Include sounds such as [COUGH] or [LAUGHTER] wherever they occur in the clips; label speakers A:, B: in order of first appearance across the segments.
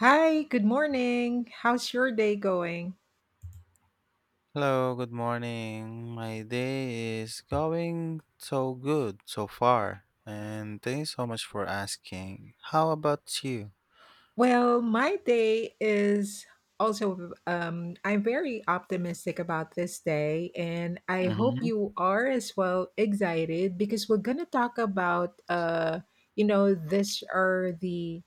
A: Hi, good morning. How's your day going?
B: Hello, good morning. My day is going so good so far, and thanks so much for asking. How about you?
A: Well, my day is also, I'm very optimistic about this day, and I hope
B: Mm-hmm.
A: you are as well excited because we're going to talk about, this are the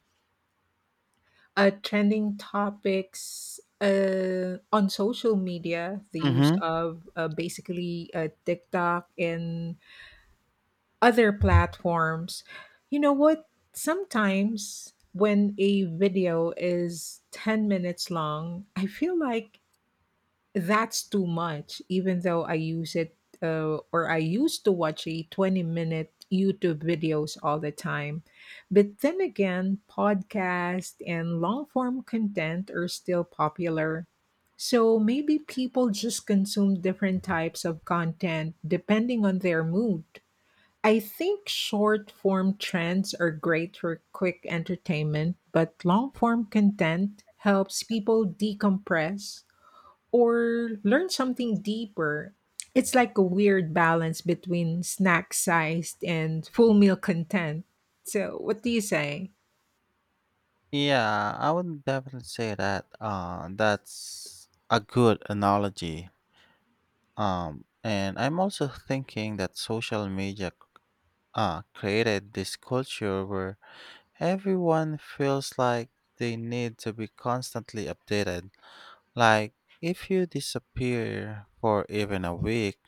A: trending topics on social media, the use
B: Mm-hmm.
A: of basically TikTok and other platforms. You know what? Sometimes when a video is 10 minutes long, I feel like that's too much, even though I use it or I used to watch a 20-minute YouTube videos all the time. But then again, podcast and long form content are still popular. So maybe people just consume different types of content depending on their mood. I think short form trends are great for quick entertainment, but long form content helps people decompress or learn something deeper. It's like a weird balance between snack sized and full meal content. So, what do you say?
B: Yeah, I would definitely say that. That's a good analogy. And I'm also thinking that social media created this culture where everyone feels like they need to be constantly updated. Like, if you disappear for even a week,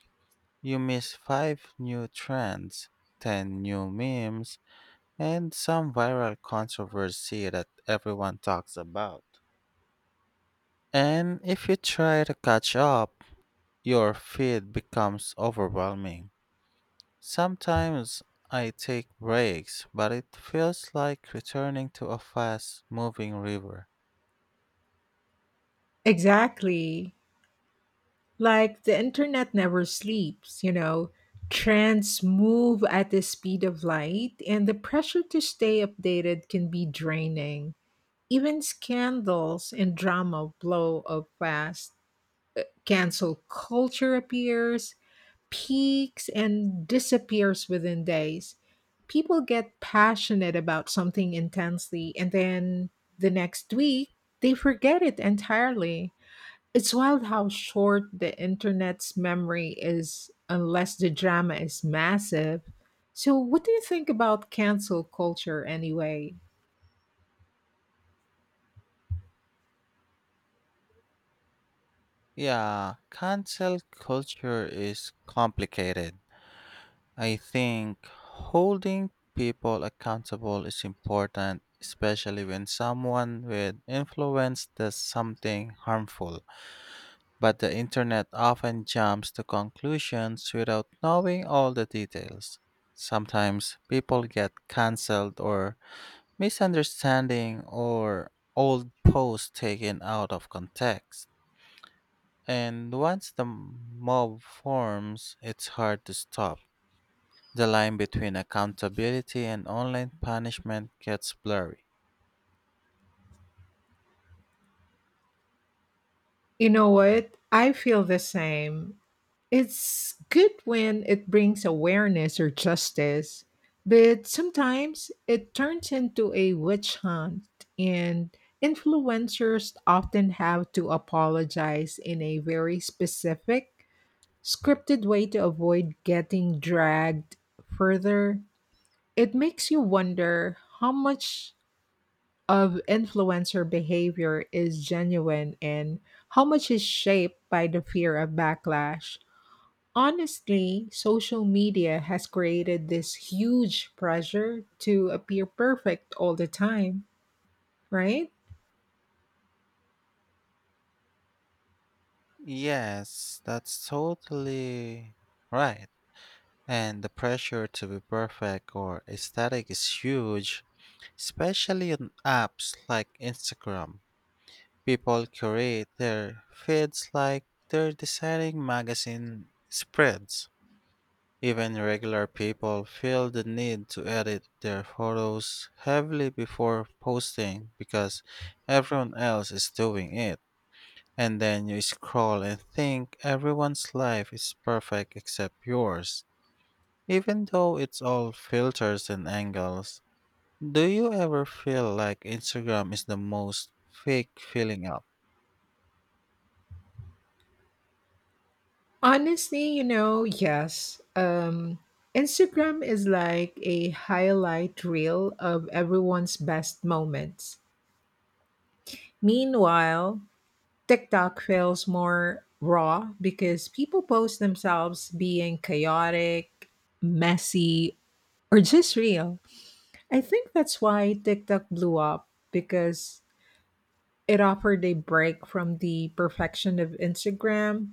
B: you miss 5 new trends, 10 new memes, and some viral controversy that everyone talks about. And if you try to catch up, your feed becomes overwhelming. Sometimes I take breaks, but it feels like returning to a fast moving river.
A: Exactly. Like the internet never sleeps, Trends move at the speed of light, and the pressure to stay updated can be draining. Even scandals and drama blow up fast. Cancel culture appears, peaks, and disappears within days. People get passionate about something intensely, and then the next week, they forget it entirely. It's wild how short the internet's memory is unless the drama is massive. So, what do you think about cancel culture anyway?
B: Yeah, cancel culture is complicated. I think holding people accountable is important, especially when someone with influence does something harmful. But the internet often jumps to conclusions without knowing all the details. Sometimes people get cancelled or misunderstanding or old posts taken out of context. And once the mob forms, it's hard to stop. The line between accountability and online punishment gets blurry.
A: You know what? I feel the same. It's good when it brings awareness or justice, but sometimes it turns into a witch hunt, and influencers often have to apologize in a very specific scripted way to avoid getting dragged further. It makes you wonder how much of influencer behavior is genuine and how much is shaped by the fear of backlash. Honestly, social media has created this huge pressure to appear perfect all the time, right?
B: Yes, that's totally right. And the pressure to be perfect or aesthetic is huge, especially on apps like Instagram. People curate their feeds like they're designing magazine spreads. Even regular people feel the need to edit their photos heavily before posting because everyone else is doing it. And then you scroll and think everyone's life is perfect except yours, even though it's all filters and angles. Do you ever feel like Instagram is the most fake filling up?
A: Honestly, yes. Instagram is like a highlight reel of everyone's best moments. Meanwhile, TikTok feels more raw because people post themselves being chaotic, messy, or just real. I think that's why TikTok blew up because it offered a break from the perfection of Instagram.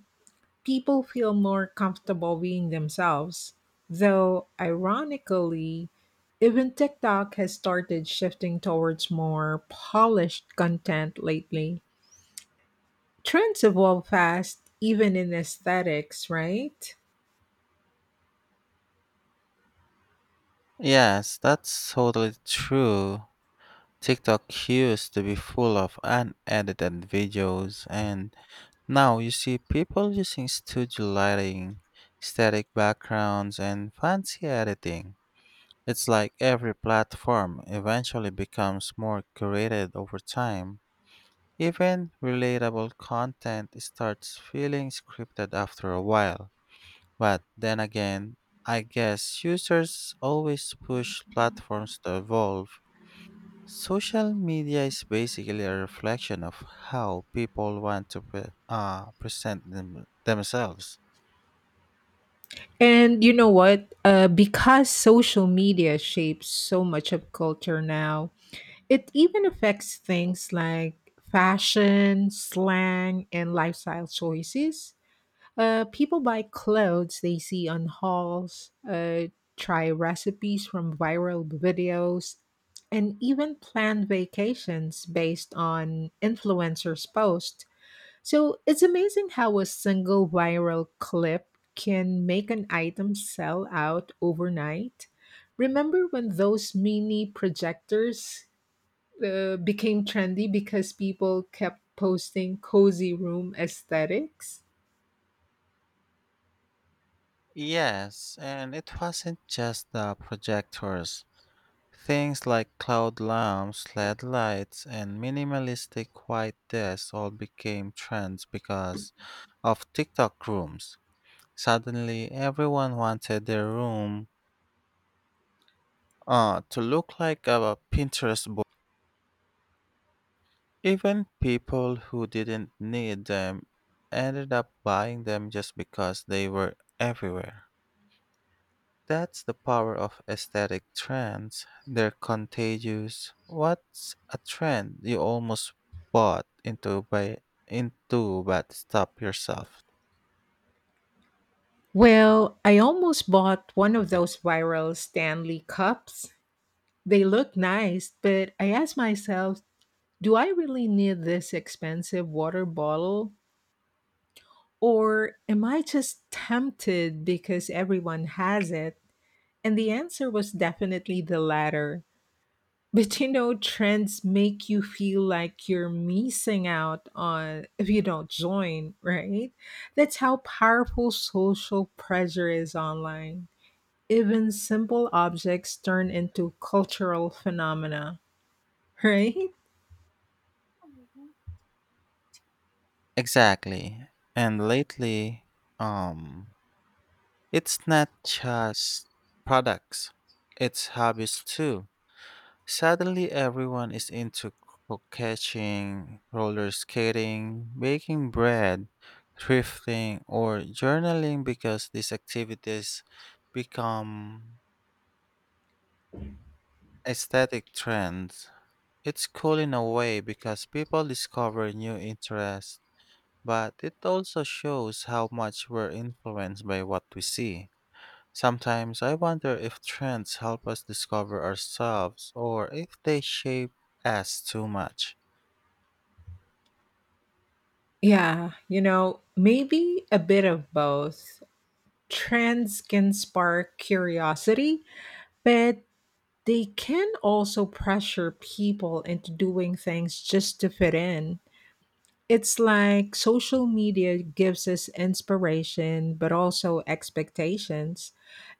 A: People feel more comfortable being themselves. Though, ironically, even TikTok has started shifting towards more polished content lately. Trends evolve fast, even in aesthetics, right?
B: Yes, that's totally true. TikTok used to be full of unedited videos and now you see people using studio lighting, static backgrounds, and fancy editing. It's like every platform eventually becomes more curated over time. Even relatable content starts feeling scripted after a while. But then again, I guess users always push platforms to evolve. Social media is basically a reflection of how people want to present themselves.
A: And you know what? Because social media shapes so much of culture now, it even affects things like fashion, slang, and lifestyle choices. People buy clothes they see on hauls, try recipes from viral videos, and even plan vacations based on influencers' posts. So it's amazing how a single viral clip can make an item sell out overnight. Remember when those mini projectors became trendy because people kept posting cozy room aesthetics?
B: Yes, and it wasn't just the projectors. Things like cloud lamps, LED lights, and minimalistic white desks all became trends because of TikTok rooms. Suddenly, everyone wanted their room to look like a Pinterest. Even people who didn't need them ended up buying them just because they were everywhere. That's the power of aesthetic trends. They're contagious. What's a trend you almost bought into but stop yourself?
A: Well, I almost bought one of those viral Stanley cups. They look nice, but I asked myself, do I really need this expensive water bottle? Or am I just tempted because everyone has it? And the answer was definitely the latter. But trends make you feel like you're missing out on if you don't join, right? That's how powerful social pressure is online. Even simple objects turn into cultural phenomena, right?
B: Exactly. And lately, um, it's not just products, it's hobbies too. Suddenly, everyone is into catching, roller skating, baking bread, thrifting, or journaling because these activities become aesthetic trends. It's cool in a way because people discover new interests, but it also shows how much we're influenced by what we see. Sometimes I wonder if trends help us discover ourselves or if they shape us too much.
A: Yeah, maybe a bit of both. Trends can spark curiosity, but they can also pressure people into doing things just to fit in. It's like social media gives us inspiration, but also expectations.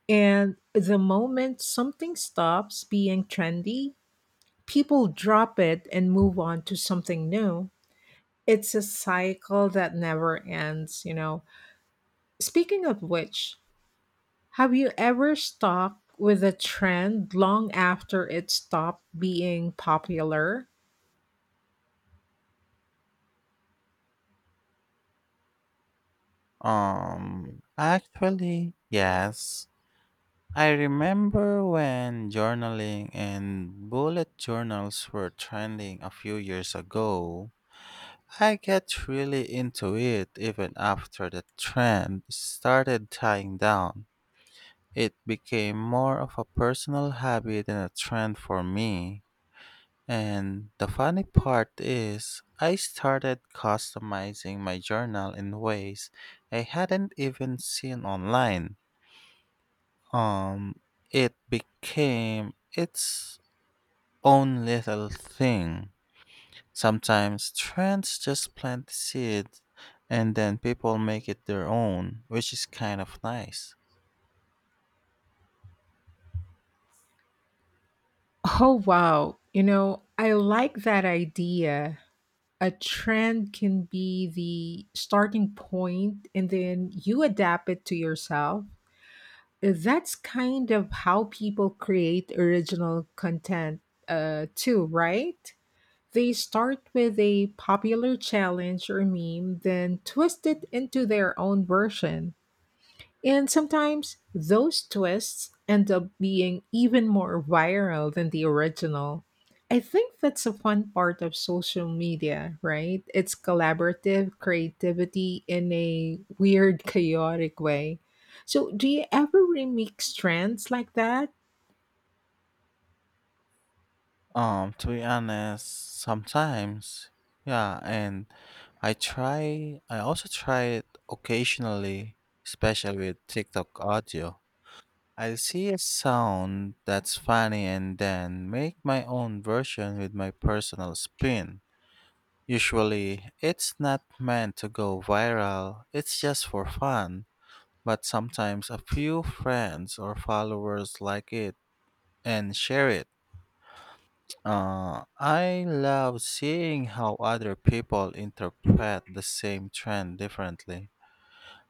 A: And the moment something stops being trendy, people drop it and move on to something new. It's a cycle that never ends. Speaking of which, have you ever stuck with a trend long after it stopped being popular?
B: Actually, yes. I remember when journaling and bullet journals were trending a few years ago. I get really into it even after the trend started dying down. It became more of a personal habit than a trend for me. And the funny part is, I started customizing my journal in ways I hadn't even seen online. Um, it became its own little thing. Sometimes trends just plant seeds and then people make it their own, which is kind of nice.
A: Oh, wow. You know, I like that idea. A trend can be the starting point, and then you adapt it to yourself. That's kind of how people create original content, too, right? They start with a popular challenge or meme, then twist it into their own version. And sometimes those twists end up being even more viral than the original. I think that's a fun part of social media, right? It's collaborative creativity in a weird, chaotic way. So, do you ever remix trends like that?
B: To be honest, sometimes, yeah, and I also try it occasionally, especially with TikTok audio. I'll see a sound that's funny and then make my own version with my personal spin. Usually, it's not meant to go viral, it's just for fun, but sometimes a few friends or followers like it and share it. I love seeing how other people interpret the same trend differently.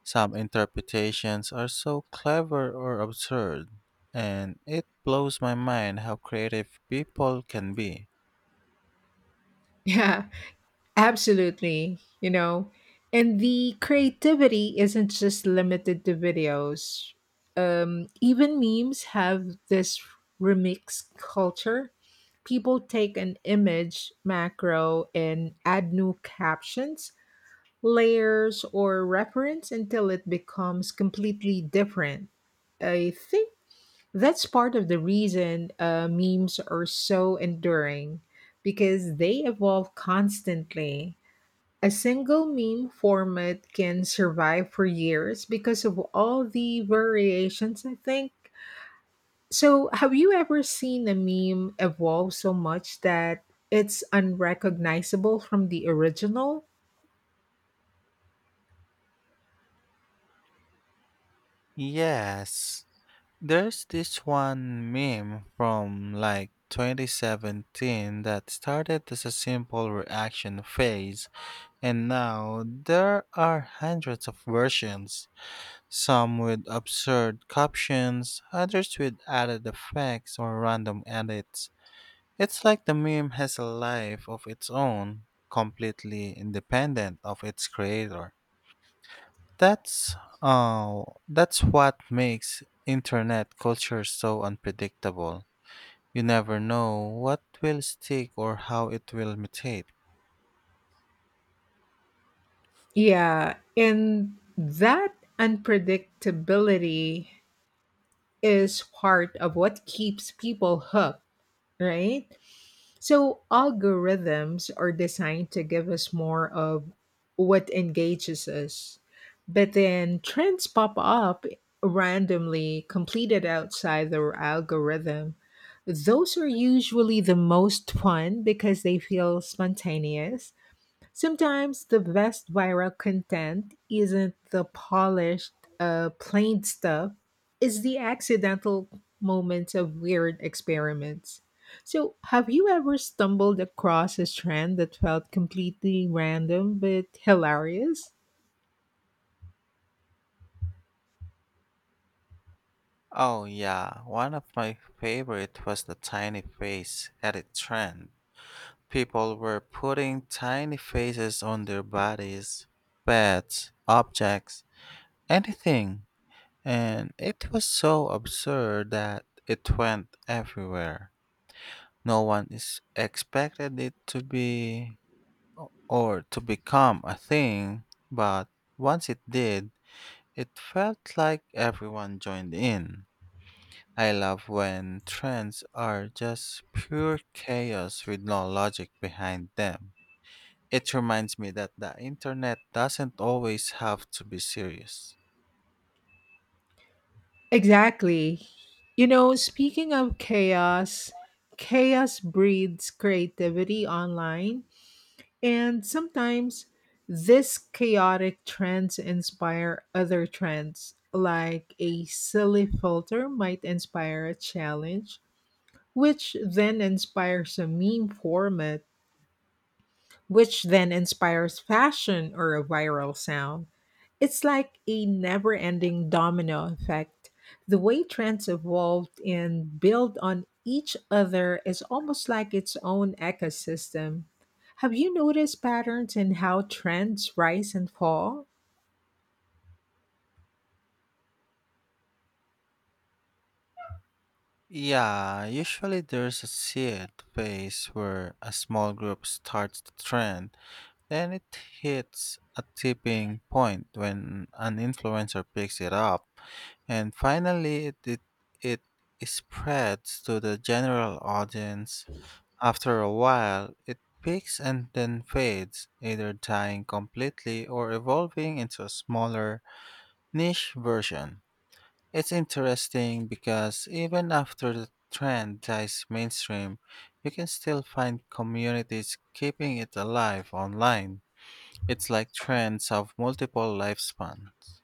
B: Some interpretations are so clever or absurd, and it blows my mind how creative people can be.
A: [LAUGHS] Yeah, absolutely, you know. And the creativity isn't just limited to videos. Even memes have this remix culture. People take an image macro and add new captions, layers, or reference until it becomes completely different. I think that's part of the reason memes are so enduring because they evolve constantly. A single meme format can survive for years because of all the variations, I think. So, have you ever seen a meme evolve so much that it's unrecognizable from the original?
B: Yes, there's this one meme from like 2017 that started as a simple reaction phase, and now there are hundreds of versions. Some with absurd captions, others with added effects or random edits. It's like the meme has a life of its own, completely independent of its creator. That's that's what makes internet culture so unpredictable. You never know what will stick or how it will mutate.
A: Yeah, and that unpredictability is part of what keeps people hooked, right? So algorithms are designed to give us more of what engages us. But then trends pop up randomly, completed outside the algorithm. Those are usually the most fun because they feel spontaneous. Sometimes the best viral content isn't the polished, plain stuff, it's the accidental moments of weird experiments. So, have you ever stumbled across a trend that felt completely random but hilarious?
B: Oh yeah, one of my favorite was the tiny face edit trend. People were putting tiny faces on their bodies, pets, objects, anything, and it was so absurd that it went everywhere. No one is expected it to be or to become a thing, but once it did, it felt like everyone joined in. I love when trends are just pure chaos with no logic behind them. It reminds me that the internet doesn't always have to be serious.
A: Exactly. You know, speaking of chaos, chaos breeds creativity online. And sometimes these chaotic trends inspire other trends, like a silly filter might inspire a challenge, which then inspires a meme format which then inspires fashion or a viral sound. It's like a never ending domino effect. The way trends evolve and build on each other is almost like its own ecosystem. Have you noticed patterns in how trends rise and fall?
B: Yeah, usually there's a seed phase where a small group starts the trend, then it hits a tipping point when an influencer picks it up, and finally it spreads to the general audience. After a while, it peaks and then fades, either dying completely or evolving into a smaller niche version. It's interesting because even after the trend dies mainstream, you can still find communities keeping it alive online. It's like trends have multiple lifespans.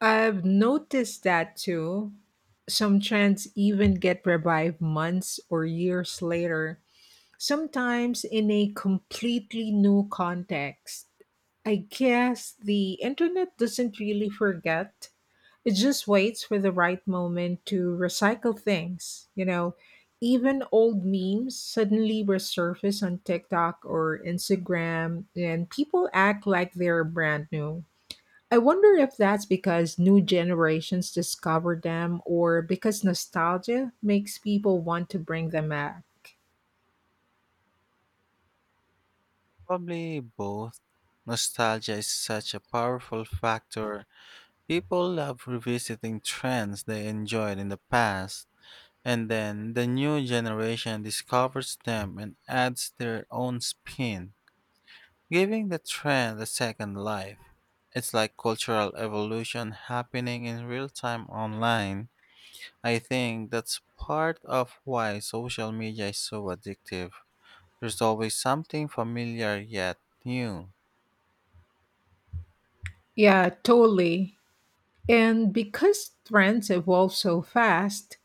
A: I've noticed that too. Some trends even get revived months or years later, sometimes in a completely new context. I guess the internet doesn't really forget. It just waits for the right moment to recycle things. Even old memes suddenly resurface on TikTok or Instagram, and people act like they're brand new. I wonder if that's because new generations discover them or because nostalgia makes people want to bring them back.
B: Probably both. Nostalgia is such a powerful factor. People love revisiting trends they enjoyed in the past, and then the new generation discovers them and adds their own spin, giving the trend a second life. It's like cultural evolution happening in real time online. I think that's part of why social media is so addictive. There's always something familiar yet new.
A: Yeah, totally. And because trends evolve so fast,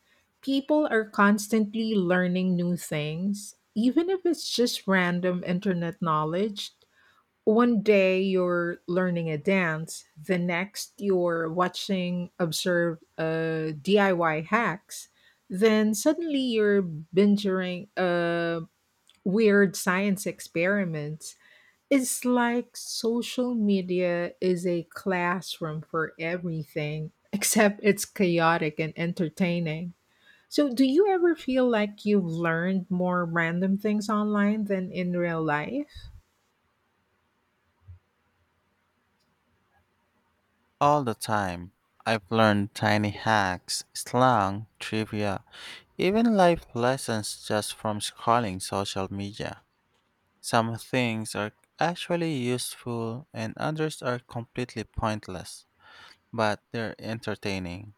A: people are constantly learning new things, even if it's just random internet knowledge. One day you're learning a dance, the next you're watching observe DIY hacks, then suddenly you're binging weird science experiments. It's like social media is a classroom for everything, [LAUGHS] except it's chaotic and entertaining. So, do you ever feel like you've learned more random things online than in real life? [LAUGHS]
B: All the time. I've learned tiny hacks, slang, trivia, even life lessons just from scrolling social media. Some things are actually useful and others are completely pointless, but they're entertaining.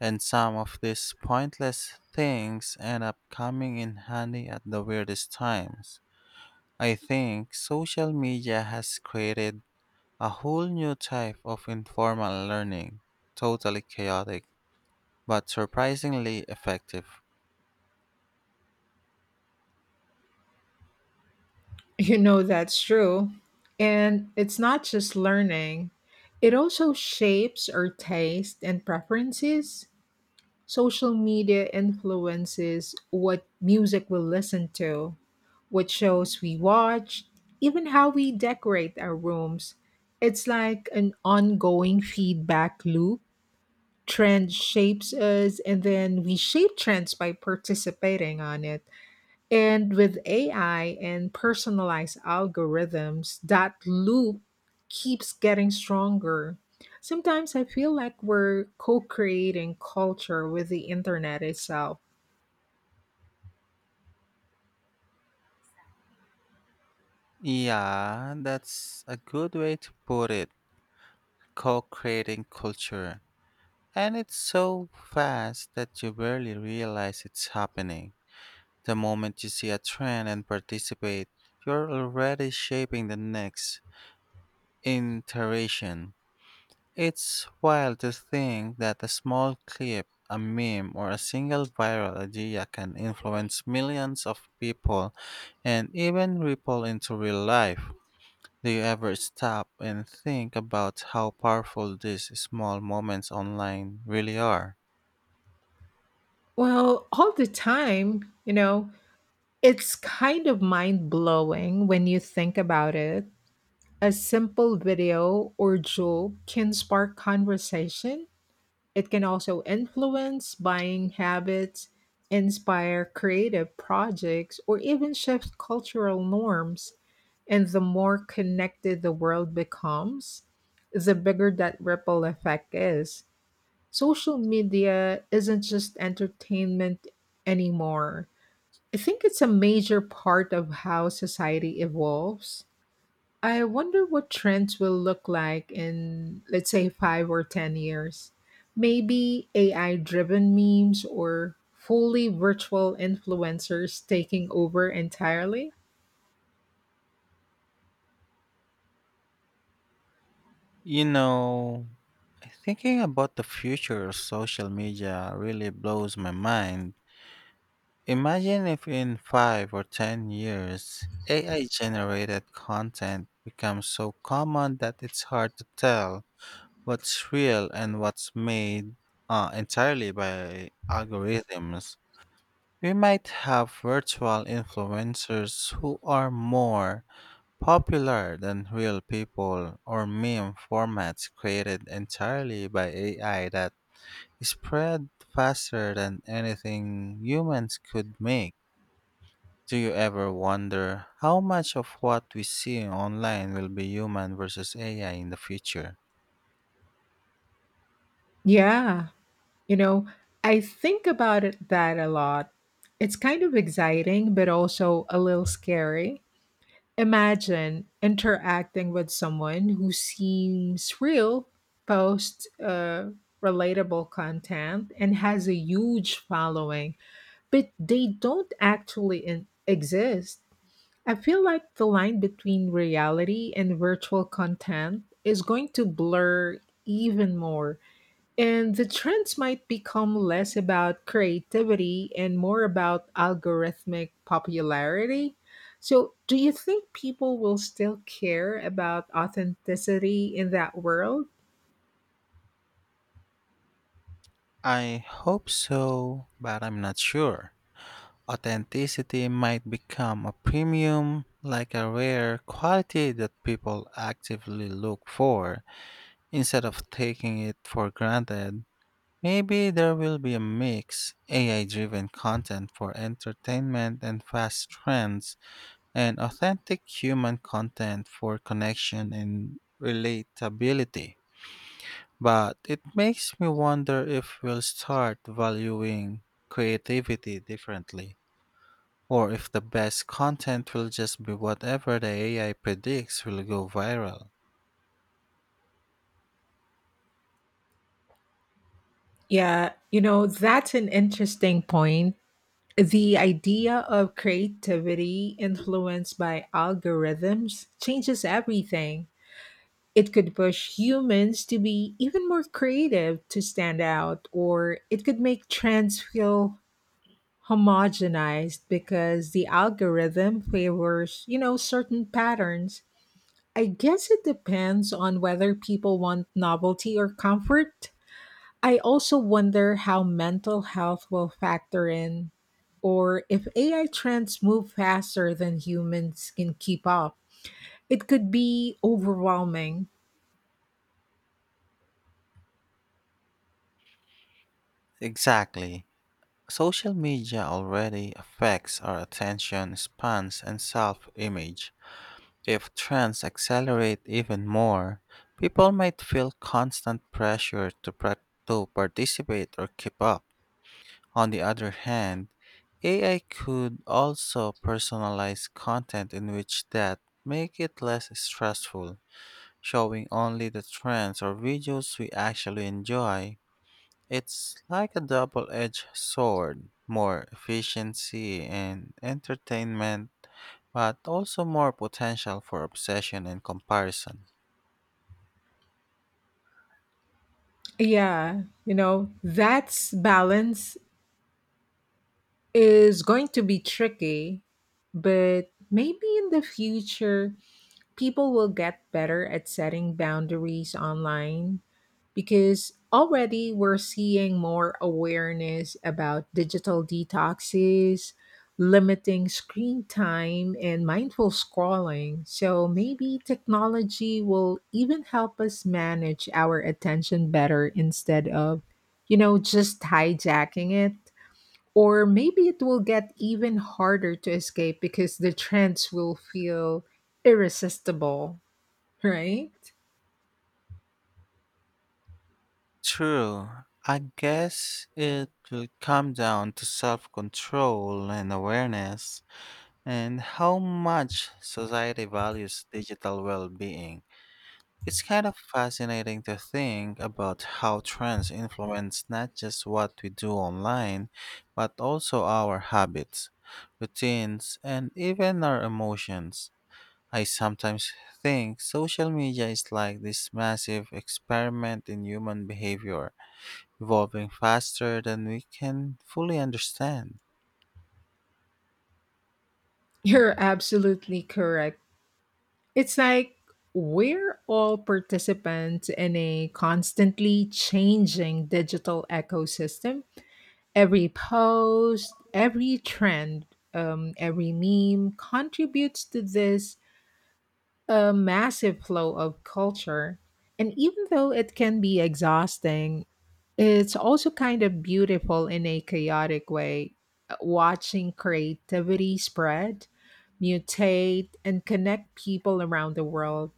B: And some of these pointless things end up coming in handy at the weirdest times. I think social media has created a whole new type of informal learning, totally chaotic, but surprisingly effective.
A: You know, that's true. And it's not just learning, it also shapes our taste and preferences. Social media influences what music we listen to, what shows we watch, even how we decorate our rooms. It's like an ongoing feedback loop. Trend shapes us, and then we shape trends by participating on it. And with AI and personalized algorithms, that loop keeps getting stronger. Sometimes I feel like we're co creating culture with the internet itself.
B: Yeah, that's a good way to put it, co creating culture. And it's so fast that you barely realize it's happening. The moment you see a trend and participate, you're already shaping the next iteration. It's wild to think that a small clip, a meme, or a single viral idea can influence millions of people and even ripple into real life. Do you ever stop and think about how powerful these small moments online really are?
A: Well, all the time, you know, it's kind of mind blowing when you think about it. A simple video or joke can spark conversation. It can also influence buying habits, inspire creative projects, or even shift cultural norms. And the more connected the world becomes, the bigger that ripple effect is. Social media isn't just entertainment anymore. I think it's a major part of how society evolves. I wonder what trends will look like in, let's say, 5 or 10 years. Maybe AI driven memes or fully virtual influencers taking over entirely?
B: You know, thinking about the future of social media really blows my mind. Imagine if in 5 or 10 years, AI generated content becomes so common that it's hard to tell what's real and what's made entirely by algorithms. We might have virtual influencers who are more popular than real people, or meme formats created entirely by AI that spread faster than anything humans could make. Do you ever wonder how much of what we see online will be human versus AI in the future?
A: Yeah, you know, I think about it that a lot. It's kind of exciting, but also a little scary. Imagine interacting with someone who seems real, posts relatable content, and has a huge following, but they don't actually exist. I feel like the line between reality and virtual content is going to blur even more. And the trends might become less about creativity and more about algorithmic popularity. So, do you think people will still care about authenticity in that world?
B: I hope so, but I'm not sure. Authenticity might become a premium, like a rare quality that people actively look for. Instead of taking it for granted, maybe there will be a mix, AI driven content for entertainment and fast trends, and authentic human content for connection and relatability. But it makes me wonder if we'll start valuing creativity differently, or if the best content will just be whatever the AI predicts will go viral.
A: Yeah, that's an interesting point. The idea of creativity influenced by algorithms changes everything. It could push humans to be even more creative to stand out, or it could make trends feel homogenized because the algorithm favors, you know, certain patterns. I guess it depends on whether people want novelty or comfort. I also wonder how mental health will factor in or if AI trends move faster than humans can keep up. It could be overwhelming.
B: Exactly. Social media already affects our attention spans and self image. If trends accelerate even more, people might feel constant pressure to participate or keep up. On the other hand, AI could also personalize content in which that make it less stressful, showing only the trends or videos we actually enjoy. It's like a double edged sword, more efficiency and entertainment, but also more potential for obsession and comparison.
A: Yeah, that's balance is going to be tricky, but maybe in the future, people will get better at setting boundaries online because already we're seeing more awareness about digital detoxes, limiting screen time, and mindful scrolling. So maybe technology will even help us manage our attention better instead of, you know, just hijacking it. Or maybe it will get even harder to escape because the trends will feel irresistible, right?
B: True, I guess it will come down to self control and awareness and how much society values digital well being. It's kind of fascinating to think about how trends influence not just what we do online, but also our habits, routines, and even our emotions. I sometimes think social media is like this massive experiment in human behavior, evolving faster than we can fully understand.
A: You're absolutely correct. It's like we're all participants in a constantly changing digital ecosystem. Every post, every trend, every meme contributes to this a massive flow of culture. And even though it can be exhausting, it's also kind of beautiful in a chaotic way. Watching creativity spread, mutate, and connect people around the world.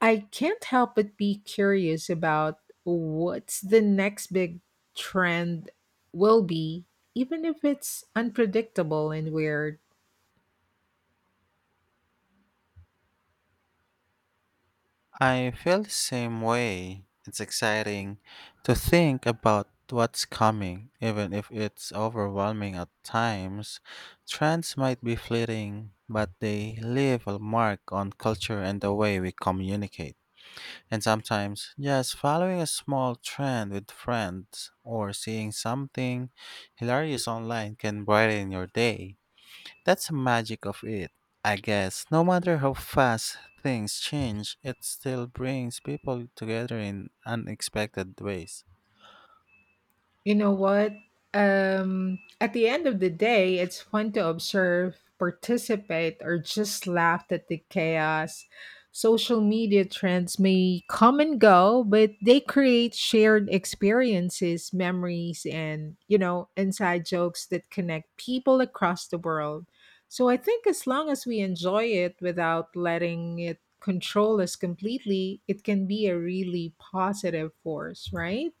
A: I can't help but be curious about what's the next big trend will be, even if it's unpredictable and weird.
B: I feel the same way. It's exciting to think about what's coming, even if it's overwhelming at times. Trends might be fleeting, but they leave a mark on culture and the way we communicate. And sometimes, just following a small trend with friends or seeing something hilarious online can brighten your day. That's the magic of it. I guess no matter how fast things change, it still brings people together in unexpected ways.
A: You know what? At the end of the day, it's fun to observe, participate, or just laugh at the chaos. Social media trends may come and go, but they create shared experiences, memories, and, you know, inside jokes that connect people across the world. So I think as long as we enjoy it without letting it control us completely, it can be a really positive force, right?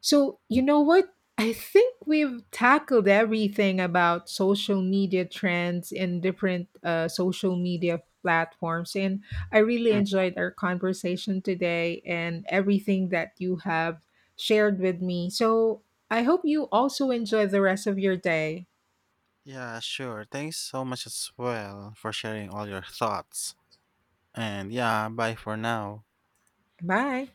A: So, you know what? I think we've tackled everything about social media trends in different social media platforms. And I really
B: Mm.
A: enjoyed our conversation today and everything that you have shared with me. So, I hope you also enjoy the rest of your day.
B: Yeah, sure. Thanks so much as well for sharing all your thoughts. And yeah, bye for now.
A: Bye.